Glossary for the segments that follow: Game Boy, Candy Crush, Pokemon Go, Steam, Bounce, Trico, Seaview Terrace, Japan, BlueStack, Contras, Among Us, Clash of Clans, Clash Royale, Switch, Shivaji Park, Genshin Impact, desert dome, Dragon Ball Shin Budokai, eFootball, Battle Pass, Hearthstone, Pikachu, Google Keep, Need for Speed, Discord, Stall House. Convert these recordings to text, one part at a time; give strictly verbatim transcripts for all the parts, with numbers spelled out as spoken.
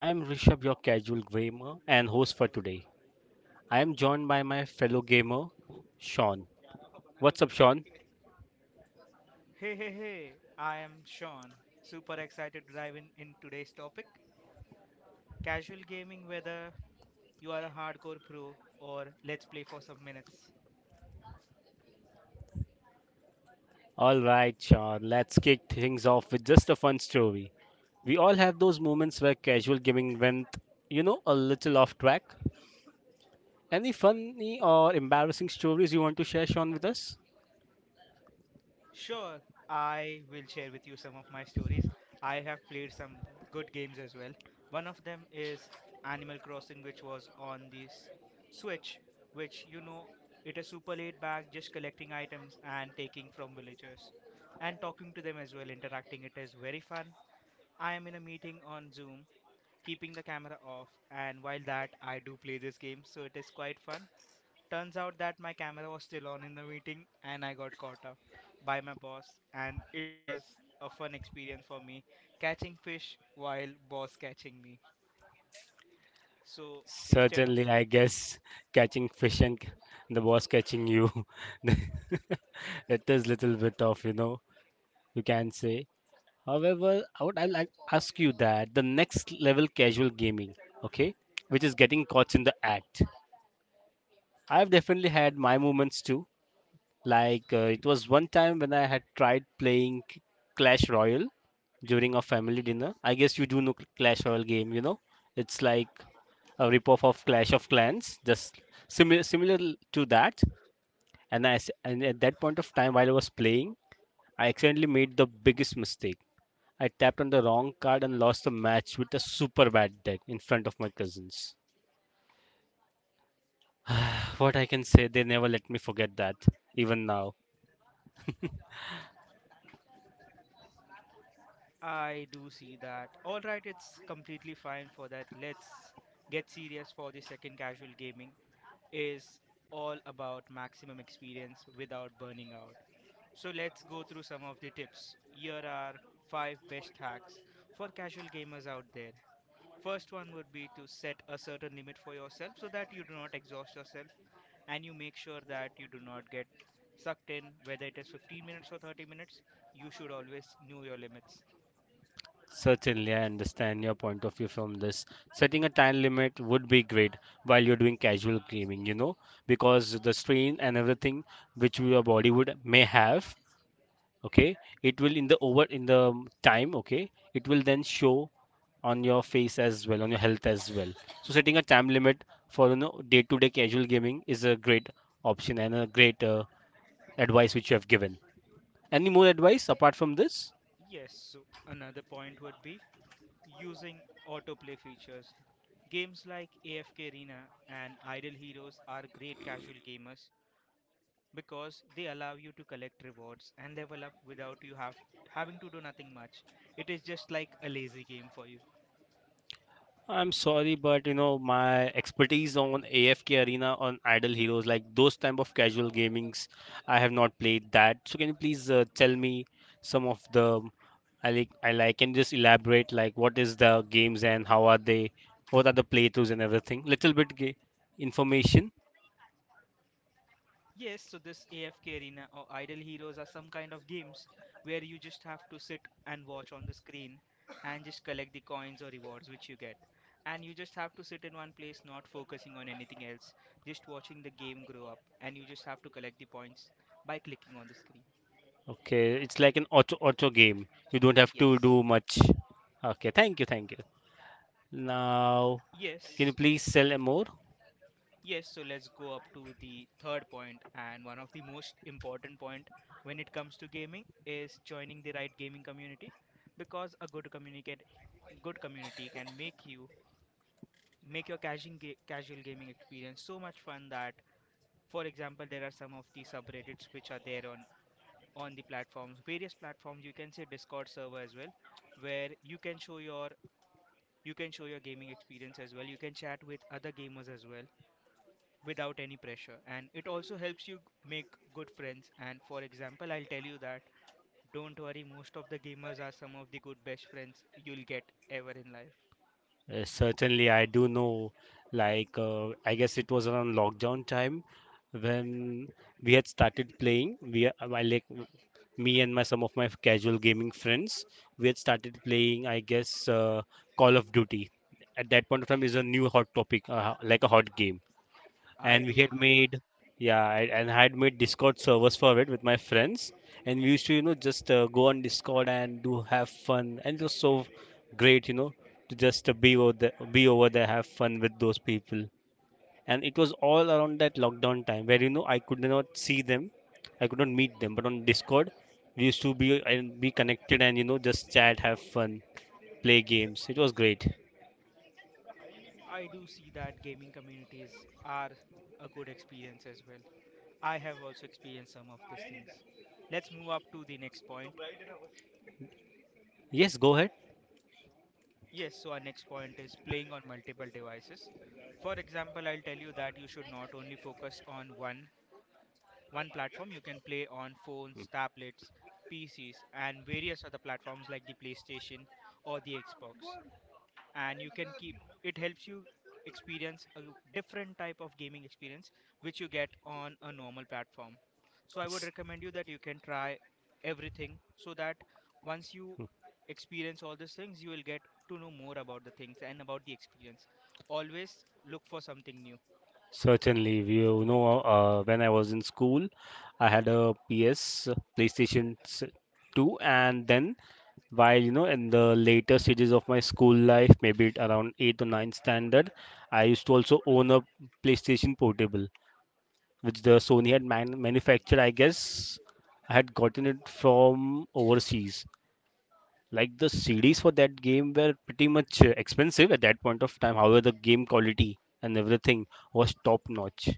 I am Rishabh, your casual gamer and host for today. I am joined by my fellow gamer, Sean. What's up, Sean? Hey, hey, hey, I am Sean. Super excited to dive in, in today's topic casual gaming, whether you are a hardcore pro or let's play for some minutes. Alright, Sean, let's kick things off with just a fun story. We all have those moments where casual gaming went, you know, a little off track. Any funny or embarrassing stories you want to share, Sean, with us? Sure, I will share with you some of my stories. I have played some good games as well. One of them is Animal Crossing, which was on this Switch, which you know it is super laid back, just collecting items and taking from villagers and talking to them as well, interacting. It is very fun. I am in a meeting on Zoom keeping the camera off, and while that, I do play this game, so it is quite fun. Turns out that my camera was still on in the meeting, and I got caught up by my boss, and it was a fun experience for me catching fish while boss catching me. So instead of Certainly, I guess catching fish and c- the boss catching you. It is little bit of, you know, you can say. However, I would I like ask you that the next level casual gaming, okay, which is getting caught in the act. I've definitely had my moments too. Like uh, it was one time when I had tried playing C- Clash Royale during a family dinner. I guess you do know Cl- Clash Royale game, you know? It's like a ripoff of Clash of Clans, just similar similar to that. And I s- and at that point of time, while I was playing, I accidentally made the biggest mistake. I tapped on the wrong card and lost the match with a super bad deck in front of my cousins. What I can say, they never let me forget that, even now. I do see that, alright, it's completely fine for that. Let's get serious for the second casual gaming is all about maximum experience without burning out. So let's go through some of the tips. Here are five best hacks for casual gamers out there. First one would be to set a certain limit for yourself so that you do not exhaust yourself and you make sure that you do not get sucked in, whether it is fifteen minutes or thirty minutes. You should always know your limits. Certainly, I understand your point of view from this. Setting a time limit would be great while you're doing casual gaming, you know, because the strain and everything which your body would may have, okay, it will in the over in the um, time, okay, it will then show on your face as well, on your health as well. So setting a time limit for, you know, day to day casual gaming is a great option and a great uh, advice which you have given. Any more advice apart from this? Yes, so another point would be using autoplay features. Games like A F K Arena and Idle Heroes are great casual gamers because they allow you to collect rewards and level up without you have having to do nothing much. It is just like a lazy game for you. I'm sorry, but you know my expertise on A F K Arena, on Idle Heroes, like those type of casual gamings, I have not played that. So can you please uh, tell me some of the I like I like can you just elaborate, like what is the games and how are they, what are the playthroughs and everything? Little bit ga- information. Yes, so this A F K Arena or Idle Heroes are some kind of games where you just have to sit and watch on the screen and just collect the coins or rewards which you get. And you just have to sit in one place, not focusing on anything else, just watching the game grow up, and you just have to collect the points by clicking on the screen. Okay, it's like an auto auto game. You don't have to Yes. do much. Okay, thank you, thank you. Now, can you Yes. please tell more? Yes, so let's go up to the third point and one of the most important point when it comes to gaming is joining the right gaming community because a good communicate good community can make you make your casual ga- casual gaming experience so much fun that, for example, there are some of the subreddits which are there on on the platforms, various platforms, you can say Discord server as well, where you can show your you can show your gaming experience as well, you can chat with other gamers as well without any pressure, and it also helps you make good friends. And for example, I'll tell you that don't worry, most of the gamers are some of the good best friends you'll get ever in life. Uh, certainly, I do know. Like, uh, I guess it was around lockdown time when we had started playing. We, uh, I like me and my some of my casual gaming friends, we had started playing. I guess uh, Call of Duty. At that point of time, is a new hot topic, uh, like a hot game. I And we do had remember. made, yeah, I- and I had made discord servers for it with my friends, and we used to, you know, just uh, go on discord and do have fun, and it was so great, you know, to just uh, be over there be over there have fun with those people. And it was all around that lockdown time where, you know, I could not see them, I could not meet them, but on discord we used to be and be connected, and, you know, just chat, have fun, play games. It was great. I do see that gaming communities are a good experience as well. I have also experienced some of these things. Let's move up to the next point. Yes, go ahead. Yes, so our next point is playing on multiple devices. For example, I'll tell you that you should not only focus on one one platform, you can play on phones, tablets, P Cs, and various other platforms like the PlayStation or the Xbox. And you can keep it helps you experience a different type of gaming experience which you get on a normal platform. So I would recommend you that you can try everything so that once you experience all these things, you will get to know more about the things and about the experience. Always look for something new. Certainly, we, you know, uh, when I was in school, I had a P S PlayStation s- two, and then while, you know, in the later stages of my school life, maybe it around eighth or ninth standard, I used to also own a PlayStation Portable, which the Sony had man- manufactured. I guess I had gotten it from overseas. Like the C Ds for that game were pretty much uh, expensive at that point of time. However, the game quality and everything was top notch.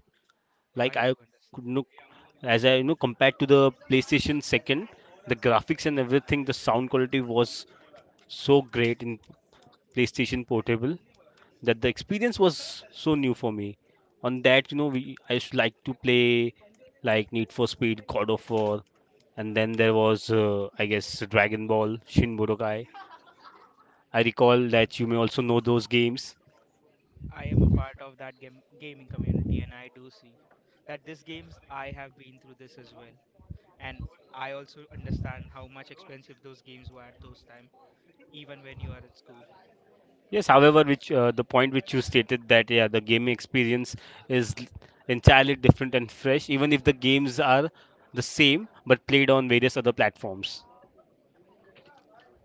Like I I do could understand. look, as I, you know, compared to the PlayStation second, the graphics and everything, the sound quality was so great in PlayStation Portable that the experience was so new for me. On that, you know, we I used to like to play like Need for Speed, God of War, and then there was uh, I guess Dragon Ball, Shin Budokai. I recall that you may also know those games. I am a part of that game, gaming community, and I do see that these games I have been through this as well, and I also understand how much expensive those games were at those time, even when you are in school. Yes, however, which uh, the point which you stated that, yeah, the gaming experience is l- entirely different and fresh, even if the games are the same but played on various other platforms.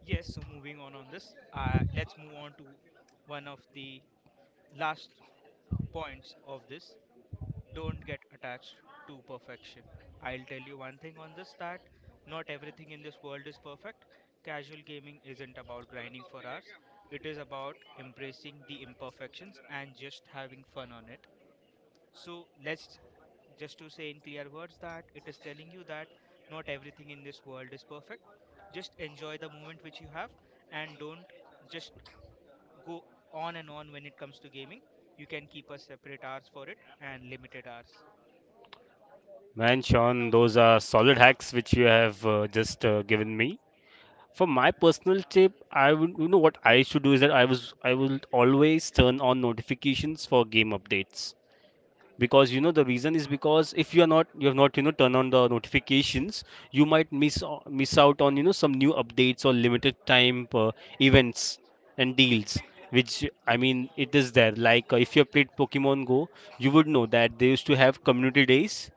Yes, so moving on on this, uh, let's move on to one of the last points of this, don't get attached to perfection. I'll tell you one thing on this that not everything in this world is perfect. Casual gaming isn't about grinding for hours, it is about embracing the imperfections and just having fun on it. So, let's just to say in clear words that it is telling you that not everything in this world is perfect. Just enjoy the moment which you have and don't just go on and on when it comes to gaming. You can keep a separate hours for it and limited hours. Man, Sean, those are solid hacks which you have uh, just uh, given me. For my personal tip, I would, you know, what I should do is that I was I will always turn on notifications for game updates, because, you know, the reason is because if you are not, you have not, you know, turn on the notifications, you might miss o- miss out on, you know, some new updates or limited time uh, events and deals, which, I mean, it is there. Like uh, if you have played Pokemon Go, you would know that they used to have community days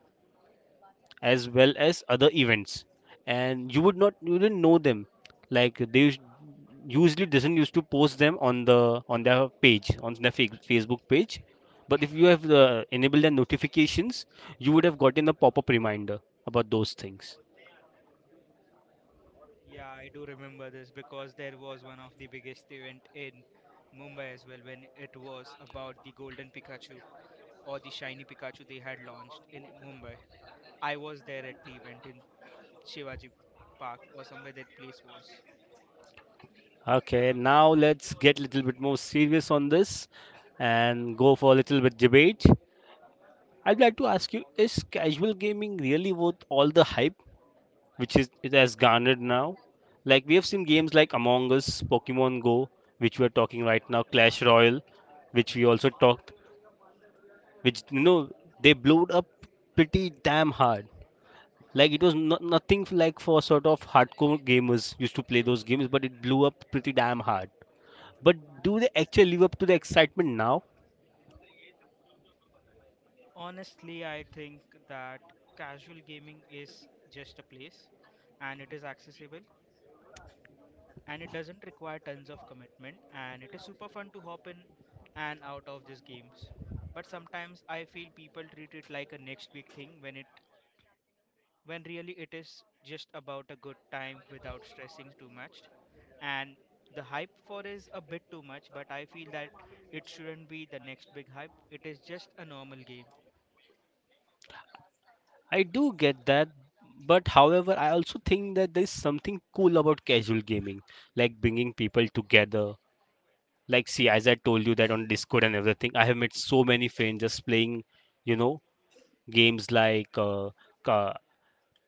as well as other events, and you would not, you didn't know them, like they us- usually doesn't used to post them on the on their page, on their fa- facebook page. But if you have uh, enabled the notifications, you would have gotten a pop-up reminder about those things. Yeah, I do remember this because there was one of the biggest event in Mumbai as well when it was about the golden Pikachu or the shiny Pikachu they had launched in Mumbai. I was there at the event in Shivaji Park or somewhere that place was. Okay, now let's get a little bit more serious on this and go for a little bit debate. I'd like to ask you, is casual gaming really worth all the hype which is it has garnered now? Like we have seen games like Among Us, Pokemon Go, which we are talking right now, Clash Royale, which we also talked, which, you know, they blowed up pretty damn hard. Like it was not nothing f- like for sort of hardcore gamers used to play those games, but it blew up pretty damn hard. But do they actually live up to the excitement now? Honestly, I think that casual gaming is just a place and it is accessible and it doesn't require tons of commitment and it is super fun to hop in and out of these games, but sometimes I feel people treat it like a next big thing when it when really it is just about a good time without stressing too much. And the hype for is a bit too much, but I feel that it shouldn't be the next big hype, it is just a normal game. I do get that, but however, I also think that there is something cool about casual gaming, like bringing people together. Like, see, as I told you that on Discord and everything, I have made so many friends just playing, you know, games like uh, ca-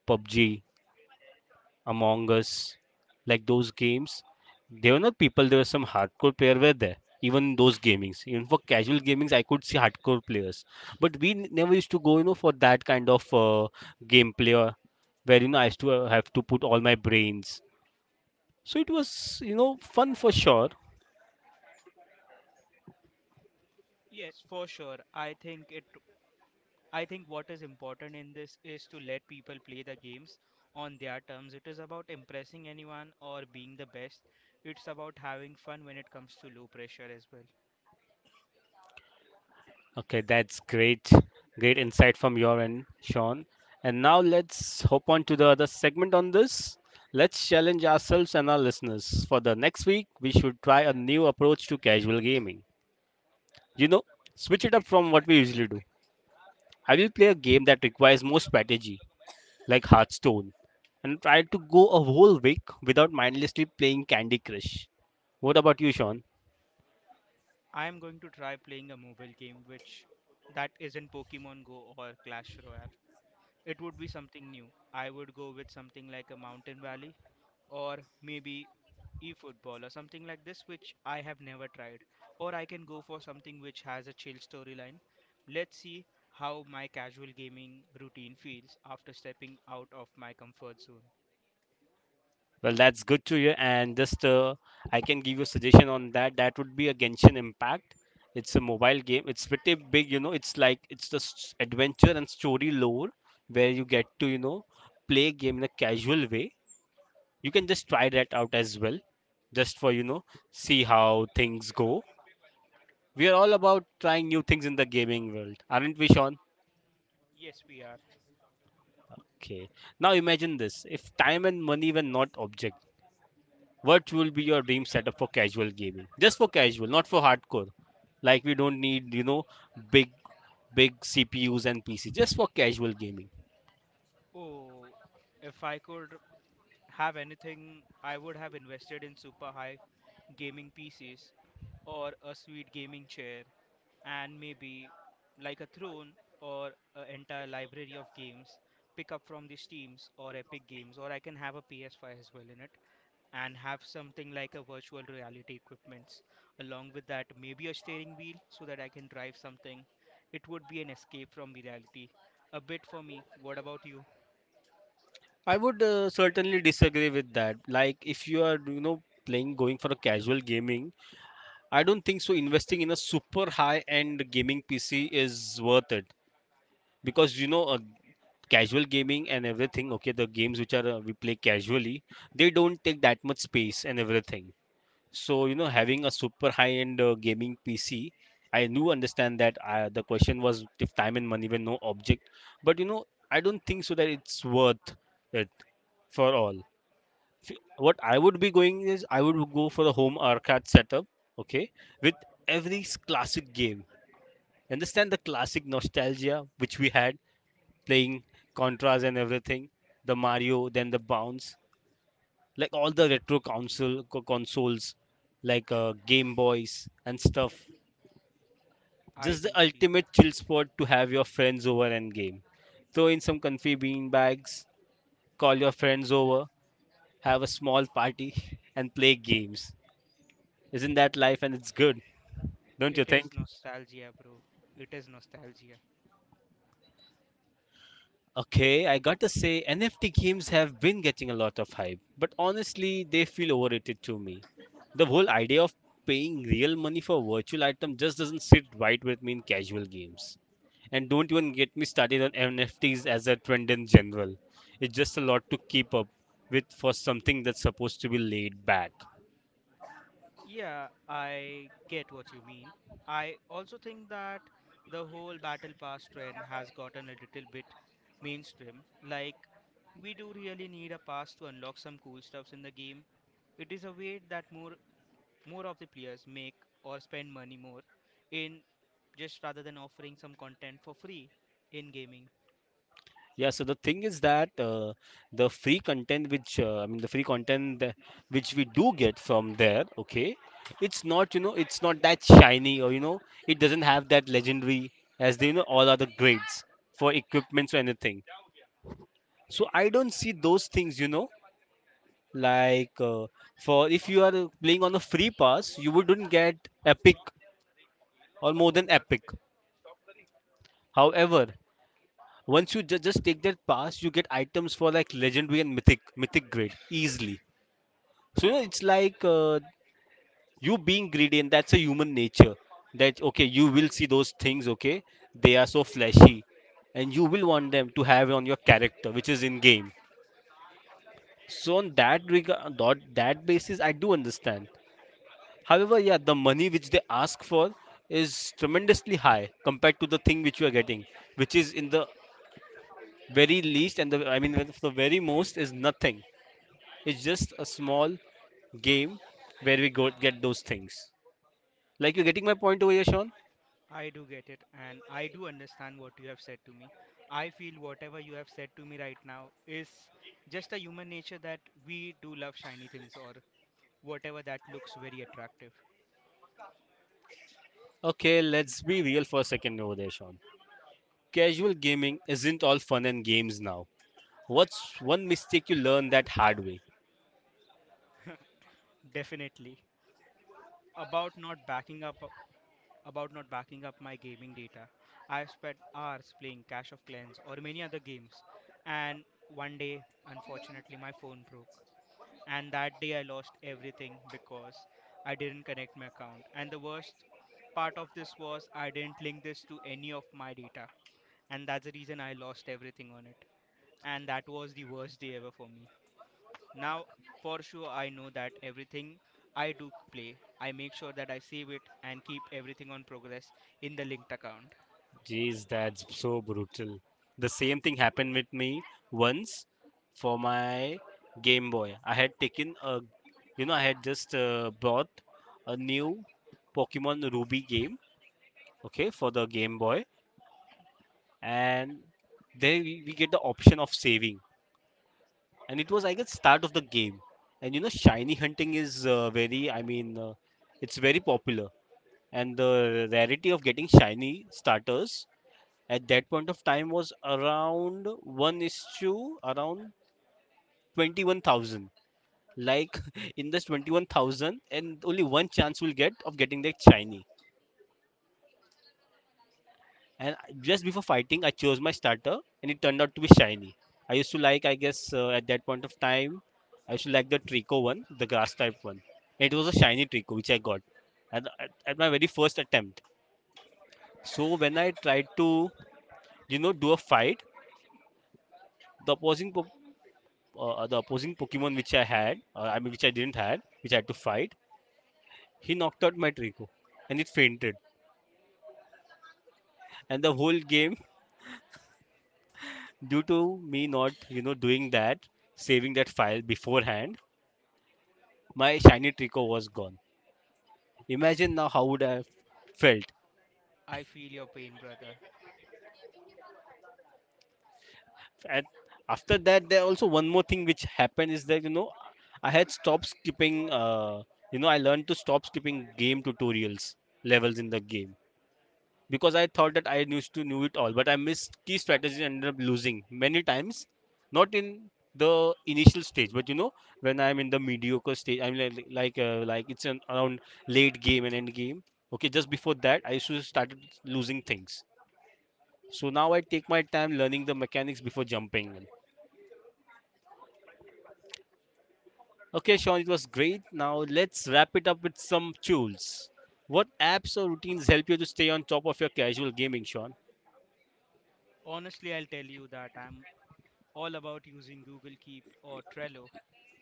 PUBG, Among Us, like those games. They were not people, there were some hardcore player were there. Even in those gamings, even for casual gamings, I could see hardcore players. But we n- never used to go, you know, for that kind of uh, gameplay or where, you know, I used to uh, have to put all my brains. So it was, you know, fun for sure. Yes, for sure, I think it I think what is important in this is to let people play the games on their terms. It is about impressing anyone or being the best. It's about having fun when it comes to low pressure as well. Okay, that's great. Great insight from your end, Sean. And now let's hop on to the other segment on this. Let's challenge ourselves and our listeners. For the next week, we should try a new approach to casual gaming. You know, switch it up from what we usually do. I will play a game that requires more strategy, like Hearthstone, and try to go a whole week without mindlessly playing Candy Crush. What about you, Sean? I am going to try playing a mobile game which that isn't Pokemon Go or Clash Royale. It would be something new. I would go with something like a Mountain Valley or maybe eFootball or something like this, which I have never tried. Or I can go for something which has a chill storyline. Let's see how my casual gaming routine feels after stepping out of my comfort zone. Well, that's good to hear. And just uh, I can give you a suggestion on that. That would be a Genshin Impact. It's a mobile game. It's pretty big, you know. It's like it's just adventure and story lore where you get to, you know, play game in a casual way. You can just try that out as well, just for, you know, see how things go. We are all about trying new things in the gaming world, aren't we, Sean? Yes, we are. Okay. Now imagine this. If time and money were not objects, what will be your dream setup for casual gaming? Just for casual, not for hardcore. Like we don't need, you know, big big C P Us and P C just for casual gaming. Oh, if I could have anything, I would have invested in super high gaming P Cs or a sweet gaming chair and maybe like a throne or an entire library of games pick up from the steams or epic games, or I can have a P S five as well in it, and have something like a virtual reality equipments, along with that maybe a steering wheel so that I can drive something. It would be an escape from the reality a bit for me. What about you? I would uh, certainly disagree with that. Like if you are, you know, playing going for a casual gaming, I don't think so investing in a super high end gaming P C is worth it, because, you know, uh, casual gaming and everything, okay, the games which are uh, we play casually, they don't take that much space and everything. So, you know, having a super high-end uh, gaming P C, I do understand that uh, the question was if time and money were no object, but, you know, I don't think so that it's worth it for all. F- What I would be going is I would go for a home arcade setup, okay, with every s- classic game. Understand the classic nostalgia which we had playing Contras and everything, the Mario, then the Bounce, like all the retro console co- consoles like uh, game boys and stuff. I Just the do see. ultimate chill spot to have your friends over and game, throw in some comfy bean bags, call your friends over, have a small party and play games. Isn't that life, and it's good? Don't It you is think? nostalgia, bro. It is nostalgia. Okay, I got to say, N F T games have been getting a lot of hype, but honestly, they feel overrated to me. The whole idea of paying real money for a virtual item just doesn't sit right with me in casual games. And don't even get me started on N F Ts as a trend in general. It's just a lot to keep up with for something that's supposed to be laid back. Yeah, I get what you mean. I also think that the whole Battle Pass trend has gotten a little bit mainstream. Like, we do really need a pass to unlock some cool stuffs in the game. It is a way that more more of the players make or spend money more in just rather than offering some content for free in gaming. Yeah, so the thing is that uh, the free content, which uh, I mean, the free content that- which we do get from there, okay, it's not, you know, it's not that shiny, or you know, it doesn't have that legendary as they, you know all other grades for equipments or anything. So I don't see those things, you know, like uh, for if you are playing on a free pass, you wouldn't get epic or more than epic. However, once you ju- just take that pass, you get items for like legendary and mythic mythic grade easily. So you know, it's like uh, you being greedy, and that's a human nature. That, okay, you will see those things. Okay, they are so flashy, and you will want them to have on your character, which is in game. So on that regard, that, that basis, I do understand. However, yeah, the money which they ask for is tremendously high compared to the thing which you are getting, which is in the very least, and the, I mean, the the very most is nothing. It's just a small game where we go get those things. Like, you're getting my point over here, Sean? I do get it, and I do understand what you have said to me. I feel whatever you have said to me right now is just a human nature that we do love shiny things or whatever that looks very attractive. Okay, let's be real for a second over there, Sean. Casual gaming isn't all fun and games now. What's one mistake you learn that hard way? Definitely. About not backing up about not backing up my gaming data. I've spent hours playing Clash of Clans or many other games, and one day unfortunately my phone broke. And that day I lost everything because I didn't connect my account. And the worst part of this was I didn't link this to any of my data, and that's the reason I lost everything on it. And that was the worst day ever for me. Now, for sure, I know that everything I do play, I make sure that I save it and keep everything on progress in the linked account. Jeez, that's so brutal. The same thing happened with me once for my Game Boy. I had taken a, you know, I had just uh, bought a new Pokemon Ruby game, okay, for the Game Boy, and there we, we get the option of saving. And it was, I guess, start of the game. And you know, shiny hunting is uh, very, I mean, uh, it's very popular, and the rarity of getting shiny starters at that point of time was around one is to around twenty-one thousand. Like in this twenty-one thousand, and only one chance will get of getting that shiny. And just before fighting, I chose my starter, and it turned out to be shiny. I used to like, I guess, uh, at that point of time, I used to like the trico one, the grass type one. It was a shiny trico which I got at, at, at my very first attempt. So when I tried to, you know, do a fight, the opposing po- uh, the opposing pokemon which I had, uh, i mean which I didn't had, which I had to fight, he knocked out my trico, and it fainted. And the whole game, due to me not, you know, doing that, saving that file beforehand, my shiny Trico was gone. Imagine now how would I have felt. I feel your pain, brother. And after that, there also one more thing which happened is that, you know, I had stopped skipping. Uh, you know I learned to stop skipping game tutorials, levels in the game, because I thought that I used to knew it all, but I missed key strategies and ended up losing many times. Not in the initial stage, but you know, when I'm in the mediocre stage, I'm like like uh, like it's an, around late game and end game. Okay, just before that, I used to started losing things. So now I take my time learning the mechanics before jumping. Okay, Sean, it was great. Now let's wrap it up with some tools. What apps or routines help you to stay on top of your casual gaming, Sean? Honestly, I'll tell you that I'm all about using Google Keep or Trello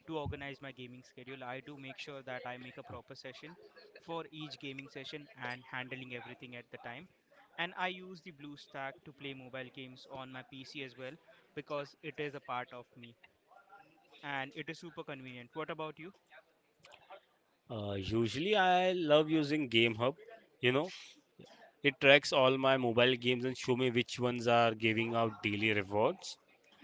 to organize my gaming schedule. I do make sure that I make a proper session for each gaming session and handling everything at the time. And I use the BlueStack to play mobile games on my P C as well, because it is a part of me and it is super convenient. What about you? Uh, usually, I love using Game Hub. You know, it tracks all my mobile games and show me which ones are giving out daily rewards,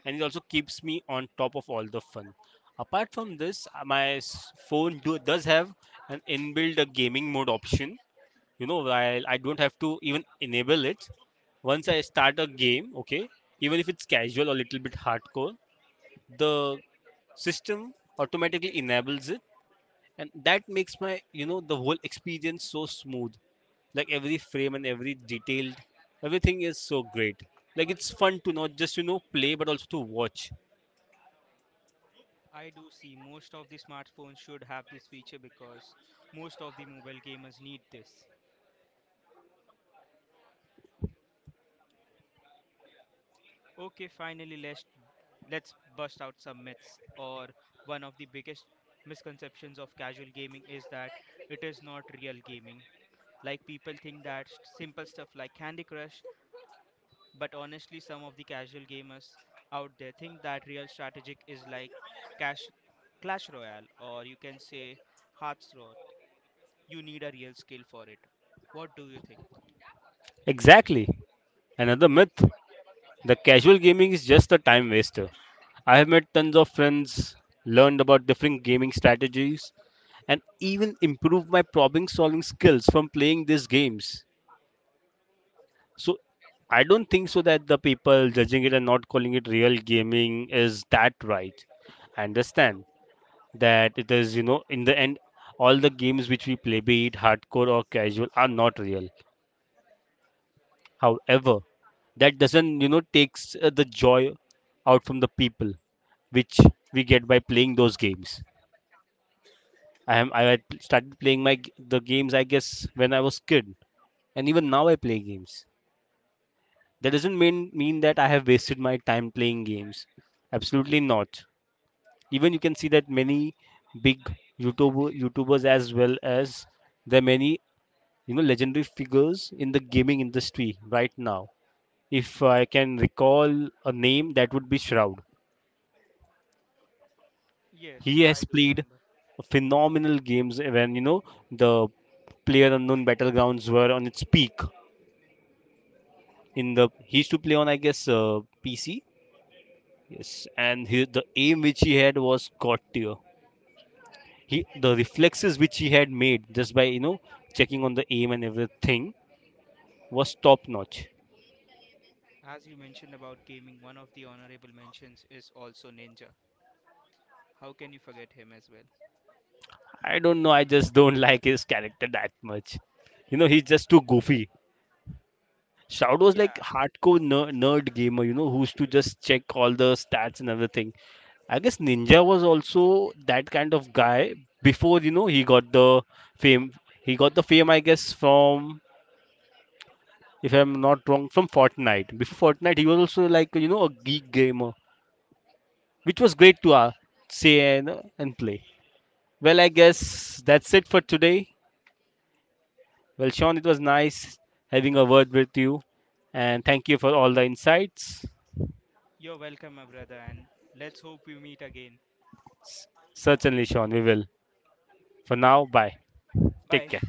and it also keeps me on top of all the fun. Apart from this, uh, my s- phone do, does have an inbuilt uh, gaming mode option, you know, while I don't have to even enable it. Once I start a game, okay, even if it's casual or little bit hardcore, the system automatically enables it, and that makes my, you know, the whole experience so smooth, like every frame and every detailed, everything is so great. Like it's fun to not just, you know, play but also to watch. I do see most of the smartphones should have this feature because most of the mobile gamers need this. Okay, finally, let's let's bust out some myths. Or one of the biggest misconceptions of casual gaming is that it is not real gaming. Like people think that s- simple stuff like Candy Crush, but honestly some of the casual gamers out there think that real strategic is like cash Clash Royale, or you can say Hearthstone. You need a real skill for it. What do you think? Exactly. Another myth: the casual gaming is just a time waster. I have met tons of friends, learned about different gaming strategies, and even improved my problem solving skills from playing these games. So I don't think so that the people judging it and not calling it real gaming is that right. I understand that it is, you know, in the end, all the games which we play, be it hardcore or casual, are not real. However, that doesn't, you know, takes uh, the joy out from the people which we get by playing those games. I am I had started playing my g- the games, I guess, when I was kid, and even now I play games. That doesn't mean mean that I have wasted my time playing games. Absolutely not. Even you can see that many big YouTuber YouTubers, as well as there are many, you know, legendary figures in the gaming industry right now. If I can recall a name, that would be Shroud. Yes, He has I do played remember. phenomenal games when, you know, the player unknown battlegrounds were on its peak. In the he used to play on, I guess, uh, P C, yes, and he, the aim which he had was god tier. He, the reflexes which he had made just by, you know, checking on the aim and everything, was top notch. As you mentioned about gaming, one of the honorable mentions is also Ninja. How can you forget him as well? I don't know, I just don't like his character that much. You know, he's just too goofy. Shout was like Yeah, hardcore ner- nerd gamer, you know, who used to just check all the stats and everything. I guess Ninja was also that kind of guy before, you know, he got the fame. He got the fame, I guess, from, if I'm not wrong, from Fortnite. Before Fortnite, he was also like, you know, a geek gamer, which was great to uh, say and and play. Well, I guess that's it for today. Well, Sean, it was nice having a word with you, and thank you for all the insights. you're welcome, my brother, and let's hope we meet again. Certainly, Sean, we will. For now, bye. Take Bye. care.